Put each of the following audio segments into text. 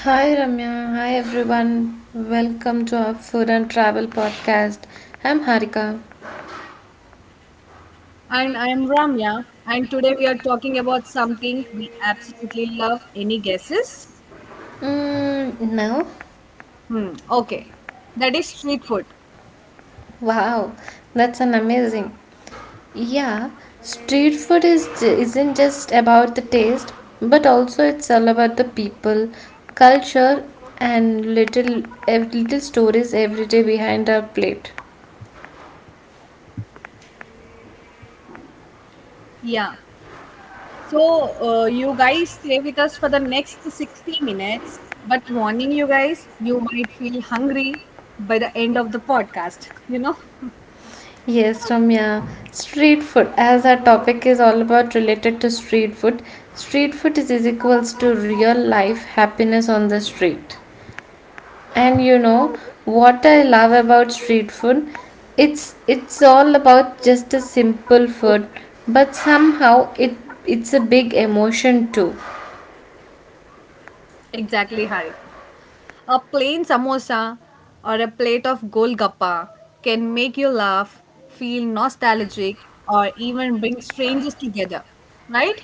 Hi Ramya, hi everyone. Welcome to our food and travel podcast. I'm Harika. And I am Ramya, and today we are talking about something we absolutely love. Any guesses? Mm, no? Hmm, okay. That is street food. Wow, that's an amazing. Yeah, street food is isn't just about the taste, but also it's all about the people, culture, and little little stories every day behind our plate. Yeah. So, you guys stay with us for the next 60 minutes. But, warning you guys, you might feel hungry by the end of the podcast. You know? Yes, Ramya. Street food, as our topic is all about related to street food is equals to real life happiness on the street. And you know what I love about street food? It's all about just a simple food, but somehow it's a big emotion too. Exactly, Hari. A plain samosa or a plate of golgappa can make you laugh, feel nostalgic, or even bring strangers together. Right?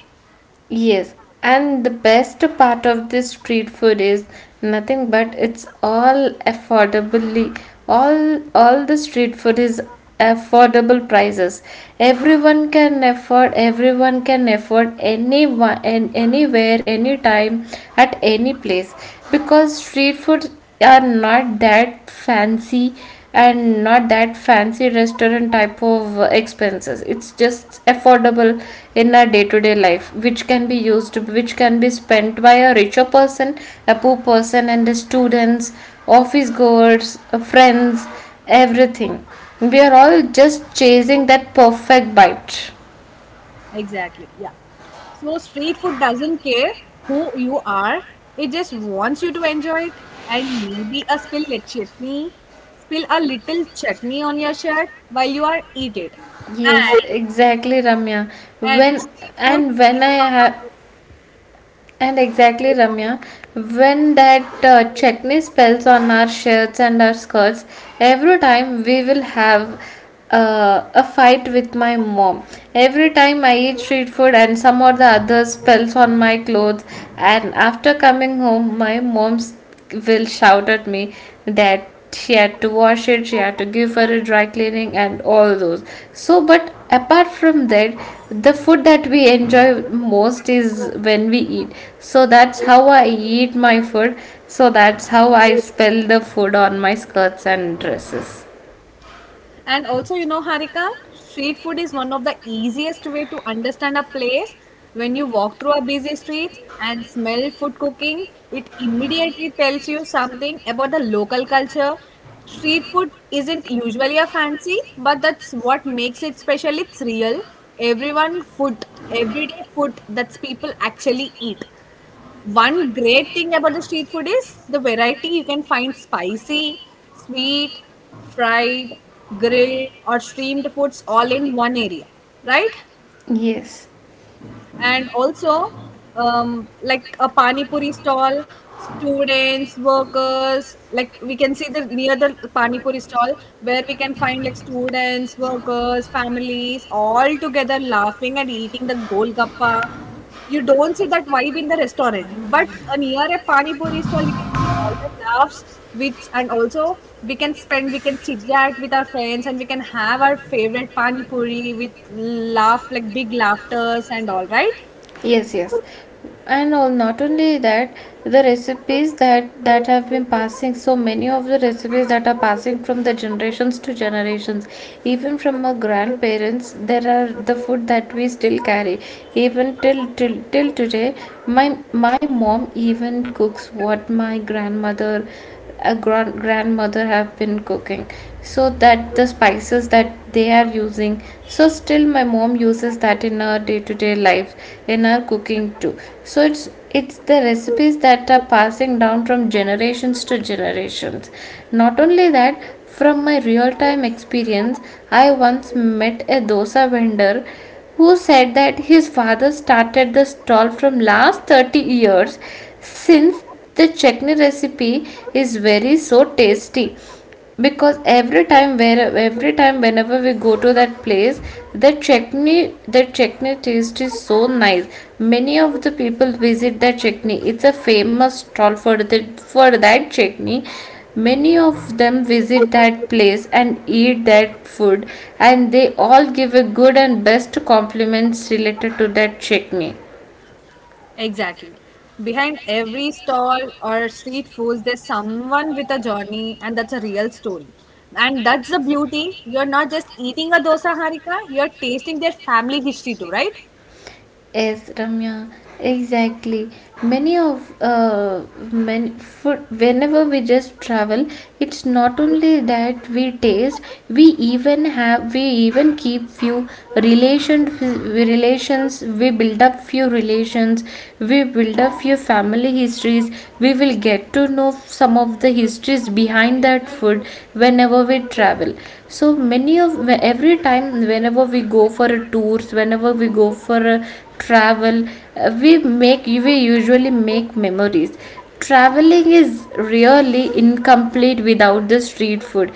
Yes, and the best part of this street food is nothing but it's all affordably all the street food is affordable prices. Everyone can afford anyone and anywhere anytime at any place, because street food are not that fancy and not that fancy restaurant type of expenses. It's just affordable in our day to day life, which can be spent by a richer person, a poor person, and the students, office goers, friends, everything. We are all just chasing that perfect bite. Exactly. Yeah. So, street food doesn't care who you are, it just wants you to enjoy it. And maybe a spill a chutney, spill a little chutney on your shirt while you are eat it. Yes, And exactly, Ramya. and When street food and is when I one have of and exactly, Ramya, when that chutney spells on our shirts and our skirts, every time we will have a fight with my mom. Every time I eat street food and some or the other spells on my clothes, and after coming home, my mom's will shout at me that she had to wash it, she had to give her a dry cleaning, and all those. So, but apart from that, the food that we enjoy most is when we eat. So, that's how I eat my food. So, that's how I spill the food on my skirts and dresses. And also, Harika, street food is one of the easiest way to understand a place. When you walk through a busy street and smell food cooking, it immediately tells you something about the local culture. Street food isn't usually a fancy, but that's what makes it special. It's real. Everyone food, everyday food that's people actually eat. One great thing about the street food is the variety. You can find spicy, sweet, fried, grilled, or steamed foods all in one area, right? Yes. And also, like a pani puri stall, students, workers, like we can see the near the pani puri stall where we can find like students, workers, families all together laughing and eating the golgappa. You don't see that vibe in the restaurant, but near a pani puri stall you can see all the laughs, which and also we can spend we can chit chat with our friends and we can have our favorite pani puri with laugh like big laughters and all, right? Yes, yes. And all, not only that, the recipes that have been passing, so many of the recipes that are passing from the generations to generations, even from our grandparents, there are the food that we still carry. Even till today, my mom even cooks what my grandmother grandmother have been cooking, so that the spices that they are using, so still my mom uses that in her day-to-day life, in her cooking too. So it's the recipes that are passing down from generations to generations. Not only that, from my real time experience, I once met a dosa vendor who said that his father started the stall from last 30 years. Since the chutney recipe is very so tasty, because every time whenever we go to that place, the chutney taste is so nice. Many of the people visit that chutney, it's a famous stall for the for that chutney. Many of them visit that place and eat that food, and they all give a good and best compliments related to that chutney. Exactly. Behind every stall or street foods there's someone with a journey, and that's a real story. And that's the beauty. You're not just eating a dosa, Harika, you're tasting their family history too, right? Yes, Ramya, exactly. Many food, whenever we just travel, it's not only that we taste, we even keep few relations, we build up few relations, we build up few family histories, we will get to know some of the histories behind that food whenever we travel. So every time, whenever we go for a travel, we usually make memories. Traveling is really incomplete without the street food.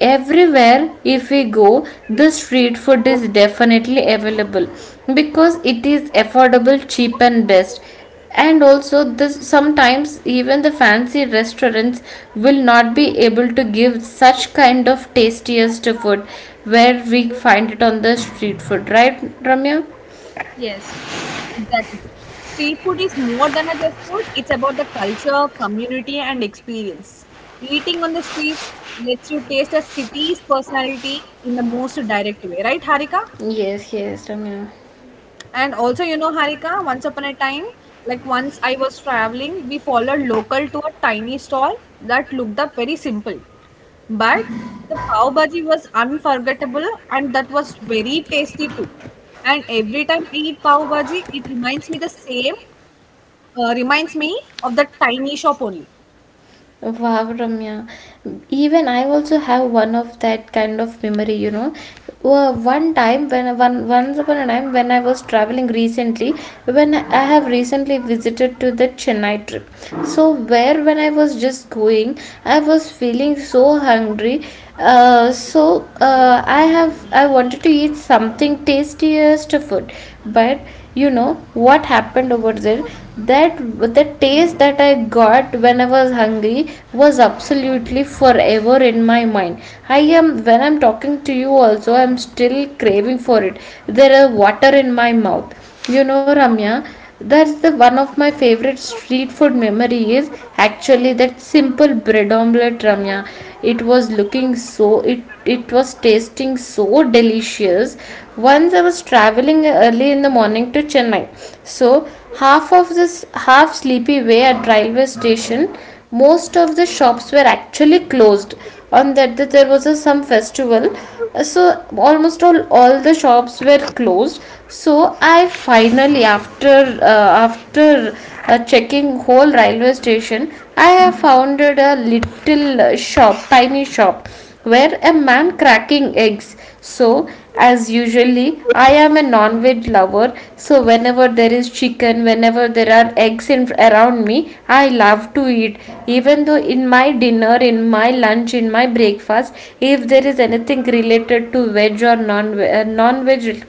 Everywhere if we go, the street food is definitely available because it is affordable, cheap, and best. And also this, sometimes even the fancy restaurants will not be able to give such kind of tastiest food where we find it on the street food, right, Ramya? Yes, exactly. Street food is more than a just food, it's about the culture, community, and experience. Eating on the street lets you taste a city's personality in the most direct way, right, Harika? Yes, yes, Ramiro. And also, Harika, once upon a time, like once I was traveling, we followed local to a tiny stall that looked up very simple. But the pav bhaji was unforgettable, and that was very tasty too. And every time I eat pav bhaji, it reminds me the same, reminds me of that tiny shop only. Wow, Ramya. Even I also have one of that kind of memory. One time when one Once upon a time when I was traveling recently, when I have recently visited to the Chennai trip. So where when I was just going, I was feeling so hungry. So I wanted to eat something tastiest food. But you know what happened over there, that the taste that I got when I was hungry was absolutely forever in my mind. I am When I'm talking to you also, I'm still craving for it. There is water in my mouth, Ramya. That's the one of my favorite street food memory is actually that simple bread omelette, Ramya. It was looking so, it was tasting so delicious. Once I was traveling early in the morning to Chennai. So half of this, half sleepy way at railway station, most of the shops were actually closed. On that day there was a some festival. So almost all the shops were closed. So I finally after checking whole railway station, I have found a little shop tiny shop where a man cracking eggs. So, as usually, I am a non veg lover. So, whenever there is chicken, whenever there are eggs in, around me, I love to eat. Even though in my dinner, in my lunch, in my breakfast, if there is anything related to veg or non veg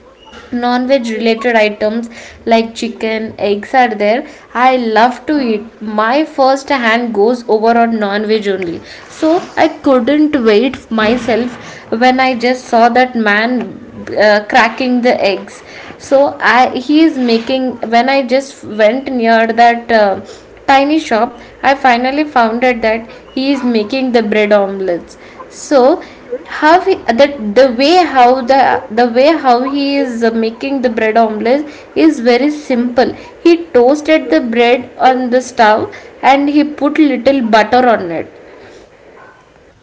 non-veg related items like chicken eggs are there, I love to eat. My first hand goes over on non-veg only. So I couldn't wait myself when I just saw that man cracking the eggs. So i he is making when I just went near that tiny shop, I finally found out that he is making the bread omelets. So how he, that the way how he is making the bread omelette is very simple. He toasted the bread on the stove, and he put little butter on it,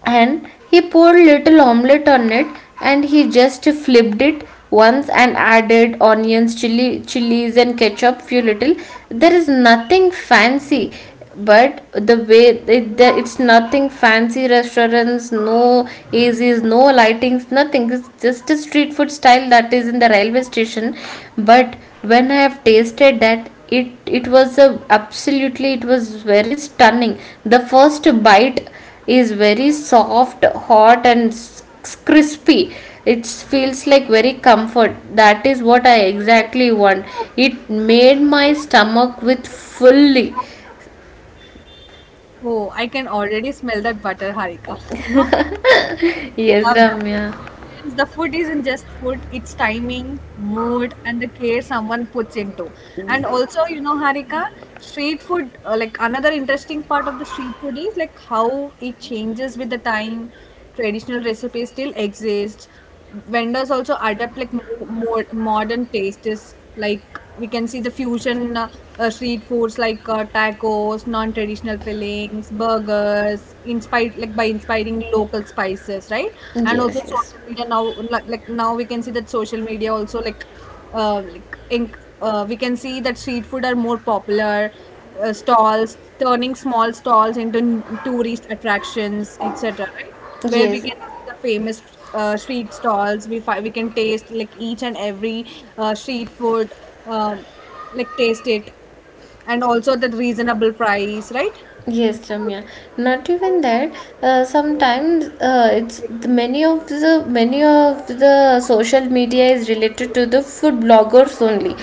and he poured little omelette on it, and he just flipped it once, and added onions, chilies and ketchup, few little. There is nothing fancy. But the way it, the, it's nothing fancy restaurants, no ACs, no lightings, nothing. It's just a street food style that is in the railway station. But when I have tasted that, it was a absolutely it was very stunning. The first bite is very soft, hot, and crispy. It feels like very comfort. That is what I exactly want. It made my stomach with fully. Oh, I can already smell that butter, Harika. You know, Yes, I love that. Ramya. And the food isn't just food, it's timing, mood, and the care someone puts into. And also, Harika, street food, like another interesting part of the street food is like how it changes with the time. Traditional recipes still exist, vendors also adapt like more modern tastes, like we can see the fusion street foods like tacos, non-traditional fillings, burgers inspired like by inspiring local spices, right? And also Yes, yes. social media now, like now we can see that social media also like, like in, we can see that street food are more popular, stalls turning small stalls into tourist attractions, etc, right? Where we Yes, can see the famous street stalls. We can taste like each and every street food, um, like taste it, and also the reasonable price, right? yes, Ramya. Not even that. Sometimes, it's the many of the social media is related to the food bloggers only.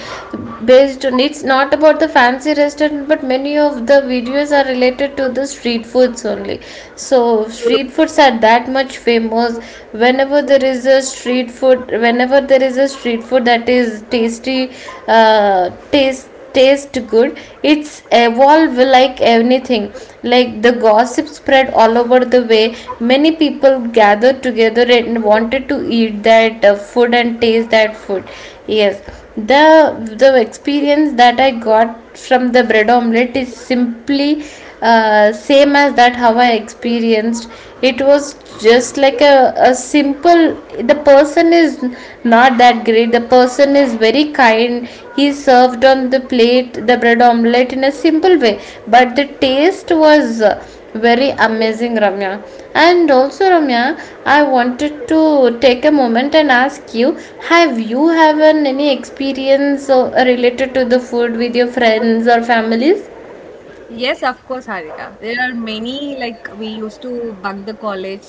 Based on, it's not about the fancy restaurant, but many of the videos are related to the street foods only. So street foods are that much famous. Whenever there is a street food that is tasty, taste good, it's evolve like anything. Like the gossip spread all over the way, many people gathered together and wanted to eat that food and taste that food. Yes, the the experience that I got from the bread omelette is simply same as that how I experienced. It was just like a simple. The person is not that great, the person is very kind. He served on the plate the bread omelette in a simple way, but the taste was very amazing, Ramya. And also, Ramya, I wanted to take a moment and ask you, have you haven any experience related to the food with your friends or families? Yes, of course, Harika. There are many, like, we used to bug the college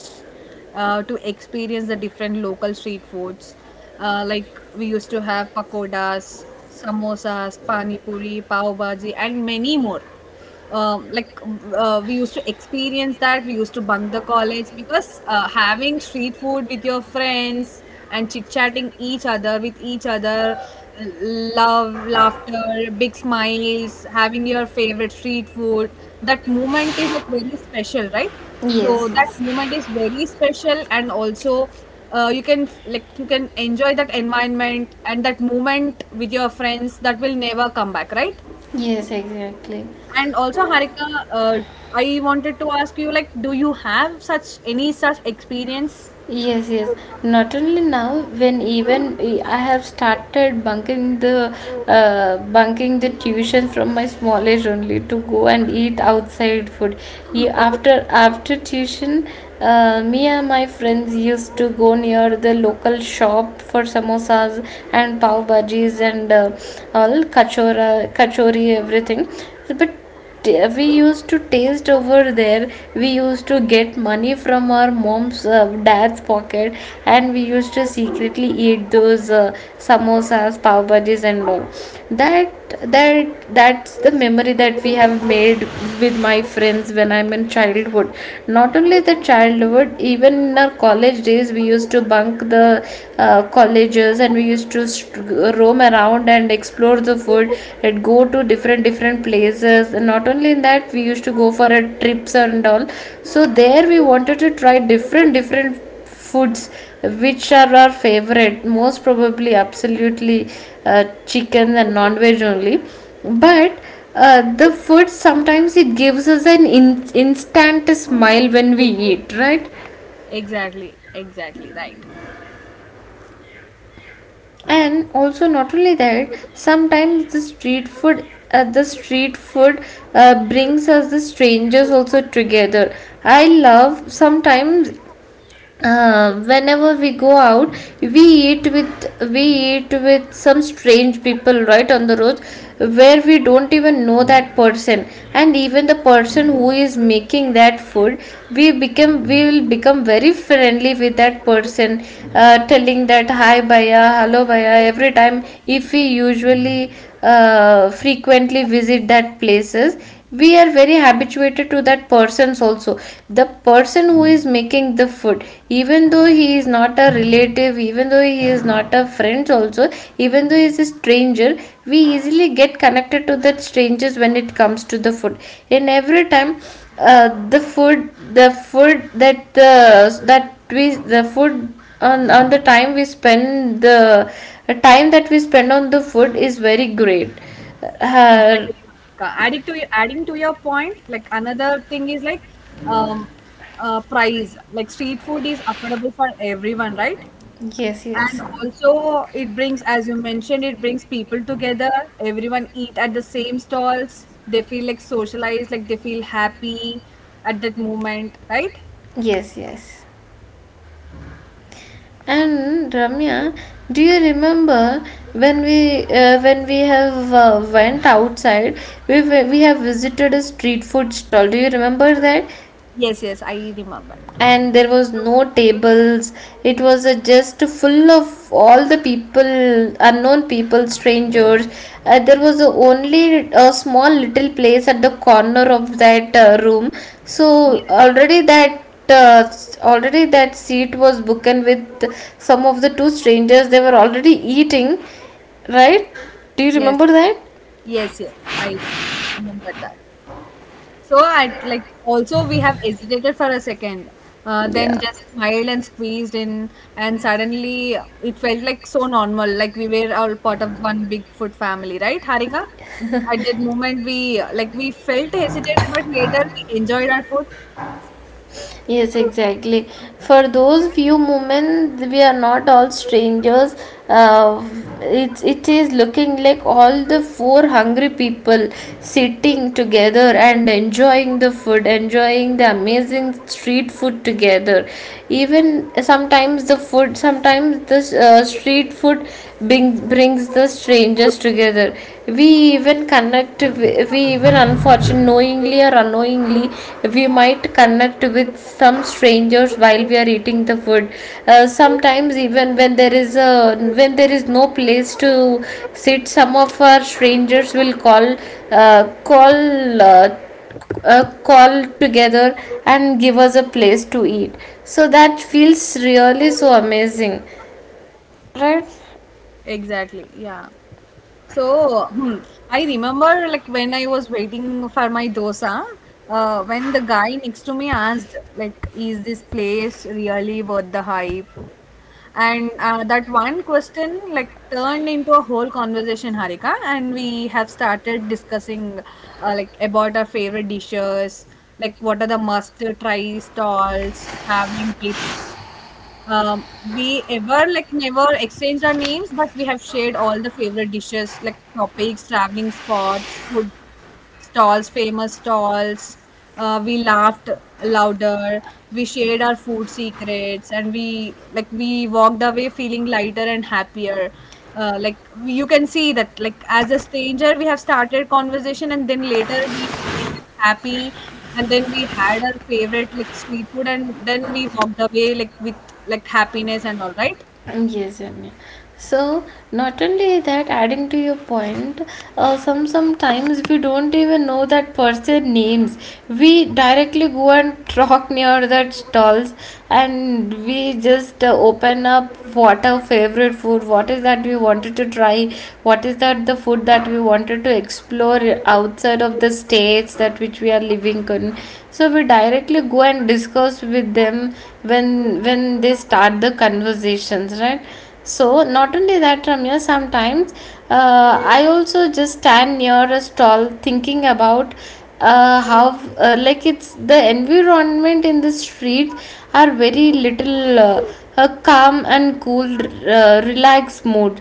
to experience the different local street foods. Like, we used to have pakodas, samosas, pani puri, pav bhaji, and many more. Like, we used to experience that. We used to bunk the college because having street food with your friends and chit-chatting each other with each other, love, laughter, big smiles, having your favorite street food, that moment is like very special, right? Yes, So that yes. moment is very special, and also you can like you can enjoy that environment and that moment with your friends, that will never come back, right? Yes, exactly. And also, Harika, I wanted to ask you, like, do you have such any such experience? Yes, yes. Not only now, when even I have started bunking the tuition from my small age only to go and eat outside food. Ye- Oh. After after tuition, me and my friends used to go near the local shop for samosas and pav bhajis and all kachora, kachori, everything. But we used to taste over there. We used to get money from our mom's, dad's pocket, and we used to secretly eat those samosas, pav bhajis, and all that that. That's the memory that we have made with my friends when I'm in childhood. Not only the childhood, even in our college days we used to bunk the colleges, and we used to roam around and explore the food and go to different different places. And not only in that, we used to go for a trips and all. So there we wanted to try different different foods which are our favorite, most probably absolutely chicken and non-veg only. But the food, sometimes it gives us an instant smile when we eat, right? Exactly, exactly, right. And also not only that, sometimes the street food, uh, the street food brings us the strangers also together. I love sometimes, whenever we go out, we we eat with some strange people right on the road where we don't even know that person. And even the person who is making that food, we will become very friendly with that person, telling that hi baya, hello baya. Every time if we usually, frequently visit that places, we are very habituated to that persons also, the person who is making the food. Even though he is not a relative, even though he is not a friend also, even though he is a stranger, we easily get connected to that strangers when it comes to the food. And every time the food that the that we the food on the time we spend the time that we spend on the food is very great. uh, Exactly, Monica. Adding to your point, like another thing is like um, price. Like street food is affordable for everyone, right? Yes, And yes. also, it brings, as you mentioned, it brings people together. Everyone eat at the same stalls. They feel like socialized, like they feel happy at that moment, right? Yes, yes. And Ramya, do you remember when we, when we have, went outside, we have visited a street food stall? Do you remember that? Yes, yes, I remember. And there was no tables. It was just full of all the people, unknown people, strangers. There was only a small little place at the corner of that room. Yes. So already that seat was booked with some of the two strangers. They were already eating, right? Do you Yes. remember that? Yes, yes, I remember that. So I like also we have hesitated for a second, then Yeah. just smiled and squeezed in, and suddenly it felt like so normal, like we were all part of one big food family, right, Harika? At that moment, we like we felt hesitated, but later we enjoyed our food. Yes, exactly. For those few moments, we are not all strangers. Uh, it is looking like all the four hungry people sitting together and enjoying the food, enjoying the amazing street food together. Even sometimes the food, sometimes the street food brings the strangers together. We even connect we even unfortunately, knowingly or unknowingly, we might connect with some strangers while we are eating the food. Sometimes, even when there is a, when there is no place to sit, some of our strangers will uh, call uh, uh, call together and give us a place to eat. So that feels really so amazing, right? Exactly. Yeah. So, I remember like when I was waiting for my dosa, when the guy next to me asked, like, is this place really worth the hype? And that one question like turned into a whole conversation, Harika, and we have started discussing like about our favorite dishes, like what are the must try stalls, traveling tips, um, we ever like never exchanged our names, but we have shared all the favorite dishes, like topics, traveling spots, food stalls, famous stalls. We laughed louder. We shared our food secrets, and we like we walked away feeling lighter and happier. Like you can see that like as a stranger we have started conversation, and then later we went happy, and then we had our favorite like street food, and then we walked away like with like happiness and all, right? Yes, Ramya. So not only that, adding to your point, sometimes we don't even know that person names. We directly go and talk near that stalls, and we just open up what our favorite food, what is that we wanted to try, what is that the food that we wanted to explore outside of the states that which we are living in. So we directly go and discuss with them when when they start the conversations, right? So not only that, Ramya, sometimes, uh, I also just stand near a stall thinking about how, like, it's the environment in the street are very little, a calm and cool, relaxed mood.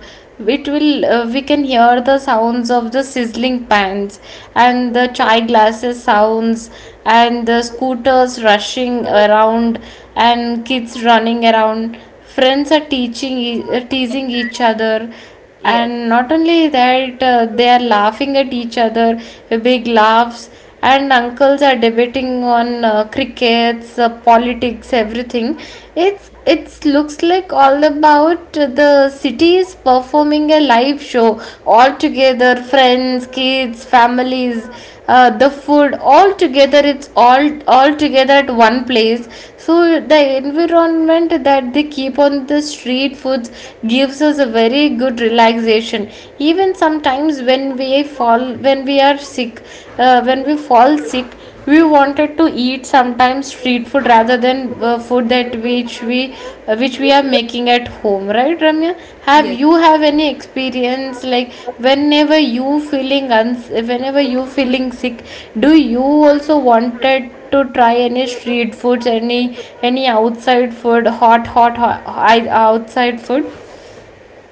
It will, we can hear the sounds of the sizzling pans and the chai glasses sounds and the scooters rushing around and kids running around, friends are teasing each Exactly. other. Yes. And not only that, they are laughing at each other, big laughs. And uncles are debating on crickets, politics, everything. It's, it looks like all about the city is performing a live show, all together, friends, kids, families, the food, all together. It's all together at one place. So the environment that they keep on the street foods gives us a very good relaxation. Even sometimes when we fall when we are sick, when we fall sick, we wanted to eat sometimes street food rather than food that which we, which we are making at home, right, Ramya? Have Yes. you have any experience like whenever you feeling whenever you feeling sick, do you also wanted to try any street foods, any outside food, hot outside food?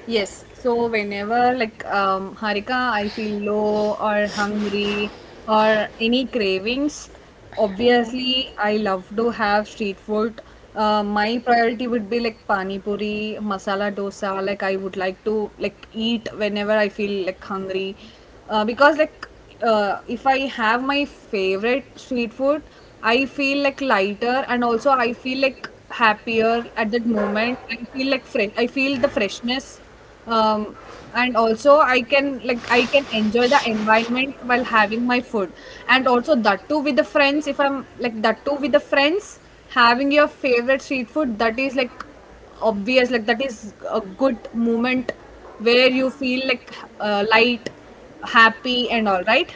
Yes. So whenever like Harika, I feel low or hungry or any cravings, obviously I love to have street food. My priority would be like pani puri, masala dosa, like I would like to like eat whenever I feel like hungry, because like if I have my favorite street food, I feel like lighter and also I feel like happier at that moment. I feel like fresh. I feel the freshness, um, and also I can like I can enjoy the environment while having my food, and also that too with the friends. If I'm like that too with the friends, having your favorite street food, that is like obvious, like that is a good moment where you feel like light, happy and all, right?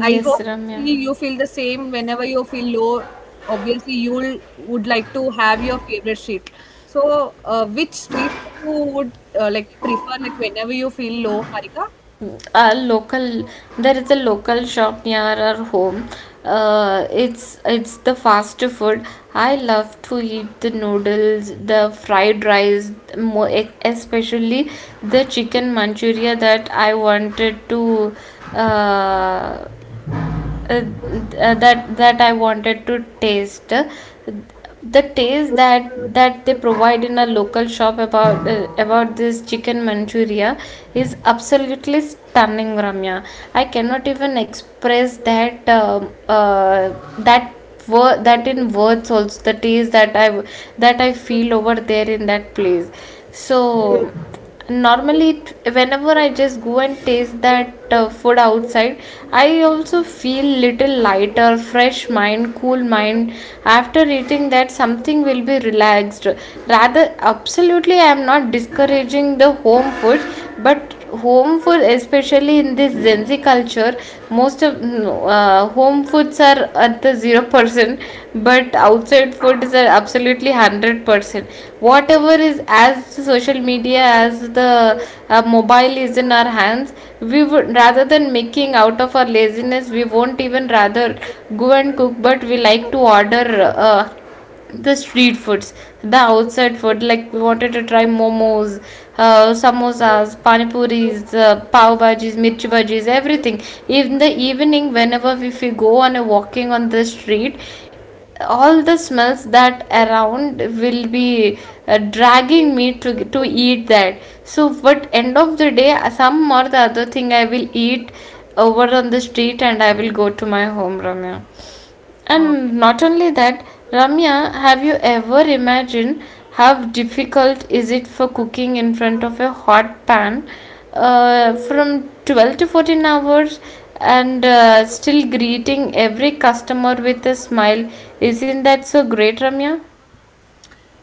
I Yes, hope see Ramya. you feel the same whenever you feel low, obviously you'll would like to have your favorite street, so which street food you would like prefer, like whenever you feel low, Harika? A local, there is a local shop near our home. It's the fast food. I love to eat the noodles, the fried rice, more especially the chicken manchuria that I wanted to uh, uh, that I wanted to taste. The taste that they provide in a local shop about this chicken manchuria is absolutely stunning, Ramya. I cannot even express that that word, that in words also, the taste that that I feel over there in that place. So normally it, whenever I just go and taste that food outside, I also feel little lighter, fresh mind, cool mind. After eating that, something will be relaxed. Rather, absolutely, I am not discouraging the home food, but home food especially in this gen Z culture, most of no, home foods are at the 0%, but outside foods are absolutely 100%. Whatever is, as social media, as the mobile is in our hands, we would, rather than making out of our laziness, we won't even rather go and cook, but we like to order the street foods, the outside food. Like, we wanted to try momos, samosas, pani puris, pav bhajis, mirchi bhajis, everything. In the evening, whenever if we go on a walking on the street, all the smells that around will be dragging me to eat that. So but end of the day, some or the other thing I will eat over on the street, and I will go to my home, Ramya. Okay. And not only that, Ramya, have you ever imagined how difficult is it for cooking in front of a hot pan from 12 to 14 hours, and still greeting every customer with a smile? Isn't that so great, Ramya?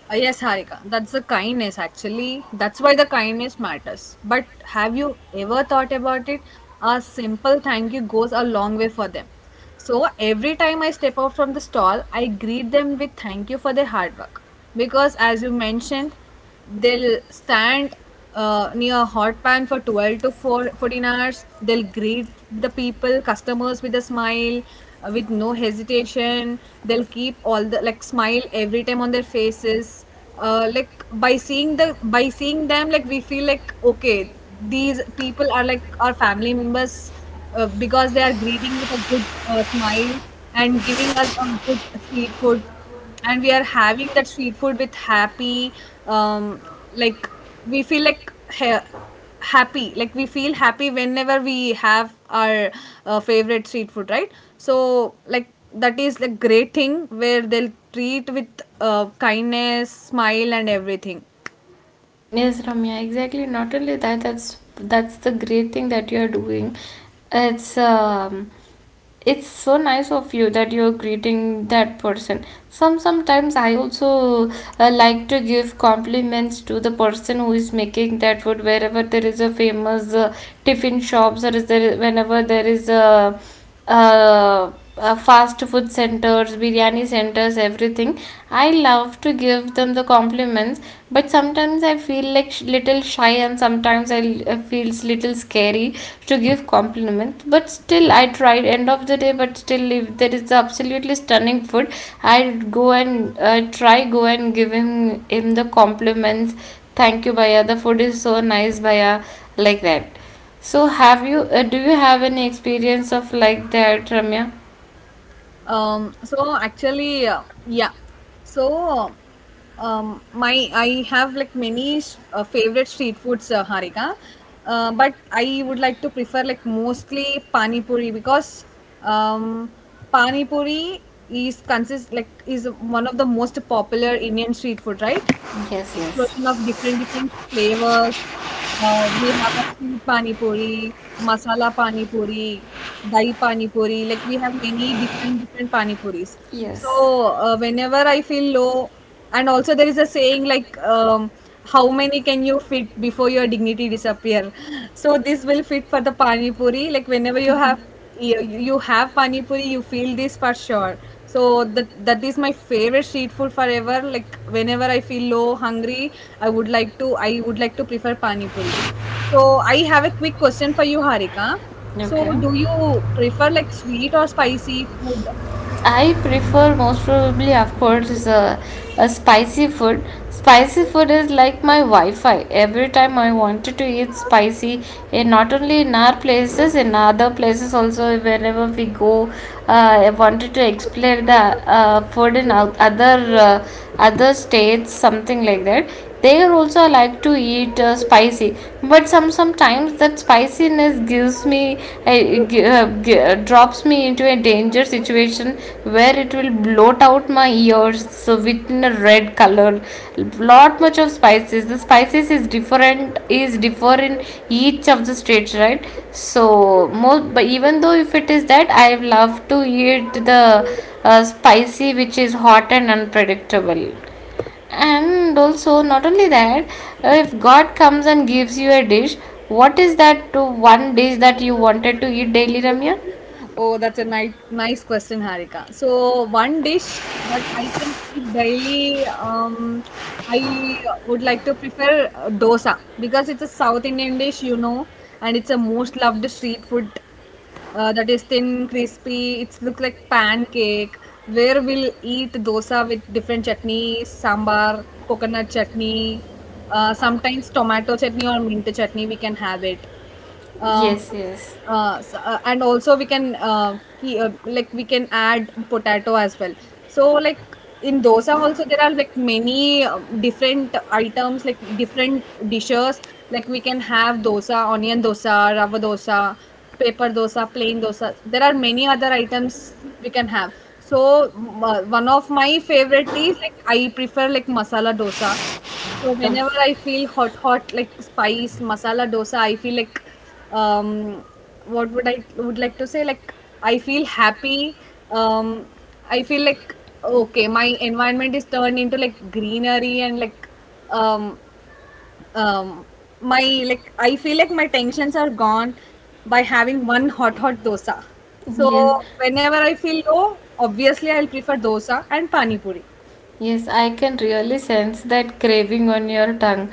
Yes, Harika, that's the kindness actually. That's why the kindness matters. But have you ever thought about it? A simple thank you goes a long way for them. So every time I step out from the stall, I greet them with thank you for their hard work. Because as you mentioned, they'll stand near a hot pan for 12 to 4, 14 hours. They'll greet the people customers with a smile, with no hesitation they'll keep all the like smile every time on their faces, like by seeing the by seeing them like we feel like okay, these people are like our family members, because they are greeting with a good smile and giving us a good street food, and we are having that street food with happy, um like we feel like ha- happy, like we feel happy whenever we have our favorite street food, right? So like that is the great thing where they'll treat with kindness, smile and everything. Yes, Ramya, exactly. Not only that, that's the great thing that you're doing. It's, it's so nice of you that you're greeting that person. Sometimes I also, like to give compliments to the person who is making that food. Wherever there is a famous tiffin shops, or is there whenever there is a uh, fast food centers, biryani centers, everything. I love to give them the compliments, but sometimes I feel like little shy, and sometimes I feels little scary to give compliments. But still, I tried. End of the day, but still, if there is absolutely stunning food, I go and try go and give him the compliments. Thank you, Baya. The food is so nice, Baya. Like that. So have you, do you have any experience of like that, Ramya? So actually, yeah. So, my I have like many favorite street foods, Harika. But I would like to prefer like mostly pani puri because um, pani puri is consist, like is one of the most popular Indian street food, right? Yes, Explosion of yes. different different flavors. We have a sweet pani puri, masala pani puri, dahi pani puri. Like we have many different different pani puris. Yes. So whenever I feel low, and also there is a saying like, how many can you fit before your dignity disappear? So this will fit for the pani puri. Like whenever you have you, you have pani puri you feel this for sure. So that that is my favorite street food forever, like whenever I feel low, hungry, I would like to I would like to prefer pani puri. So I have a quick question for you, Harika. So Okay. do you prefer like sweet or spicy food? I prefer most probably, of course, a spicy food. Spicy food is like my Wi Fi. Every time I wanted to eat spicy, and not only in our places, in other places also, wherever we go, I wanted to explore the food in other. Other states, something like that, they also I like to eat spicy. But sometimes that spiciness gives me drops me into a danger situation where it will bloat out my ears so within a red color. Lot much of spices, the spices is different, is differ in each of the states, right? So most, but even though if it is that, I love to eat the spicy, which is hot and unpredictable. And also not only that, if god comes and gives you a dish, what is that to one dish that you wanted to eat daily, Ramya? Oh, that's a nice, nice question, Harika. So, one dish that I can eat daily, I would like to prefer dosa because it's a South Indian dish, you know, and it's a most loved street food that is thin, crispy. It's look like pancake. Where we'll eat dosa with different chutneys, sambar, coconut chutney, sometimes tomato chutney or mint chutney. We can have it, um, Yes, yes. And also we can like we can add potato as well. So like in dosa also there are like many different items, like different dishes, like we can have dosa, onion dosa, rava dosa, paper dosa, plain dosa, there are many other items we can have. So one of my favorite is like I prefer like masala dosa. So Um, whenever I feel hot, hot like spice masala dosa, I feel like, um, what would I would like to say? Like I feel happy. Um, I feel like okay, my environment is turned into like greenery and like, um, um, my like I feel like my tensions are gone by having one hot hot dosa. yes, So whenever I feel low, obviously I'll prefer dosa and pani puri. yes, I can really sense that craving on your tongue.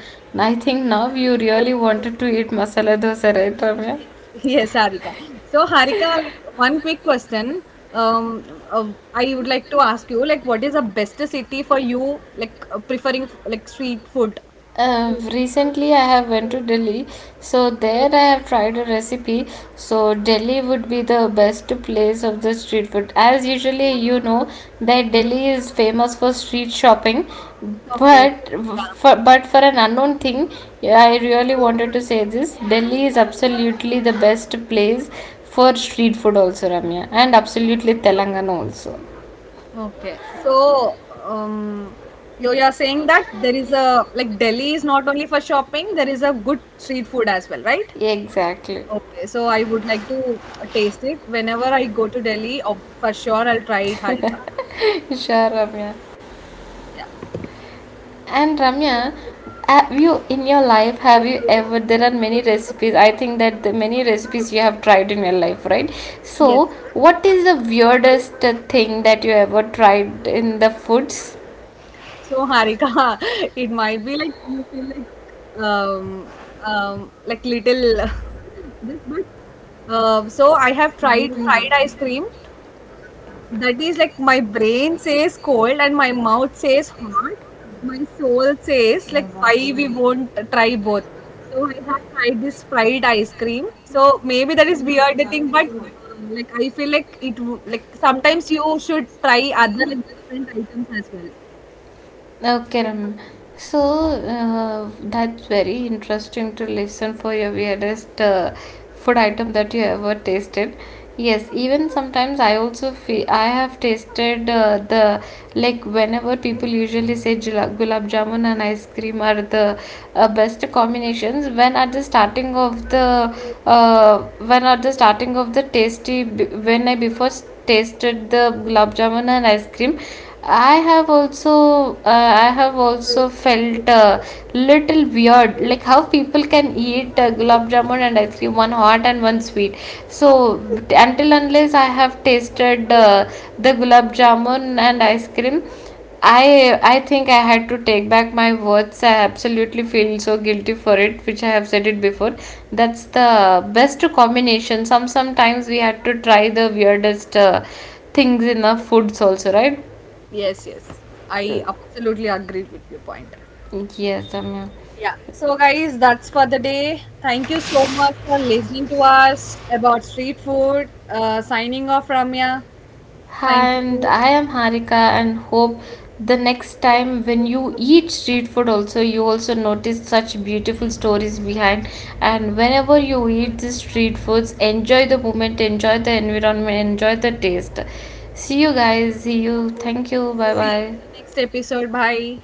I think now you really wanted to eat masala dosa, right, Ramya? Yes, Harika. So, Harika, like, one quick question. Um, uh, I would like to ask you, like, what is the best city for you, like, preferring like street food? Recently I have went to Delhi, so there I have tried a recipe. So Delhi would be the best place of the street food. As usually you know that Delhi is famous for street shopping, Okay. but Yeah. But for an unknown thing, yeah, I really wanted to say this. Delhi is absolutely the best place for street food also, Ramya, and absolutely Telangana also. Okay. So, um, you you are saying that there is a like Delhi is not only for shopping, there is a good street food as well, right? Exactly. Okay. So, I would like to taste it whenever I go to Delhi. Oh, for sure, I'll try it, Harika. Sure, Ramya. Yeah. And Ramya, have you in your life, have you ever, there are many recipes. I think that the many recipes you have tried in your life, right? Yes. So, what is the weirdest thing that you ever tried in the foods? So, Harika, it might be like you feel like little this but so I have tried fried ice cream, that is like my brain says cold and my mouth says hot, my soul says like why we won't try both. So I have tried this fried ice cream, so maybe that is weird thing, but like I feel like it like sometimes you should try other like different items as well. Okay, Ramya. So that's very interesting to listen for your weirdest food item that you ever tasted. Yes, even sometimes I also feel I have tasted the, like, whenever people usually say gulab jamun and ice cream are the best combinations. When at the starting of the when at the starting of the tasty b- when I before tasted the gulab jamun and ice cream. I have also felt little weird, like how people can eat gulab jamun and ice cream, one hot and one sweet. So but until unless I have tasted the gulab jamun and ice cream, I think I had to take back my words. I absolutely feel so guilty for it, which I have said it before. That's the best combination. Sometimes we had to try the weirdest things in the foods also, right? Yes, yes. I absolutely agree with your point. Yes, Ramya. Yeah. So, guys, that's for the day. Thank you so much for listening to us about street food. Signing off, Ramya. Thank And you. I am Harika, and hope the next time when you eat street food also, you also notice such beautiful stories behind. And whenever you eat these street foods, enjoy the moment, enjoy the environment, enjoy the taste. See you, guys. See you. Thank you. Bye See you in bye. the next episode. Bye.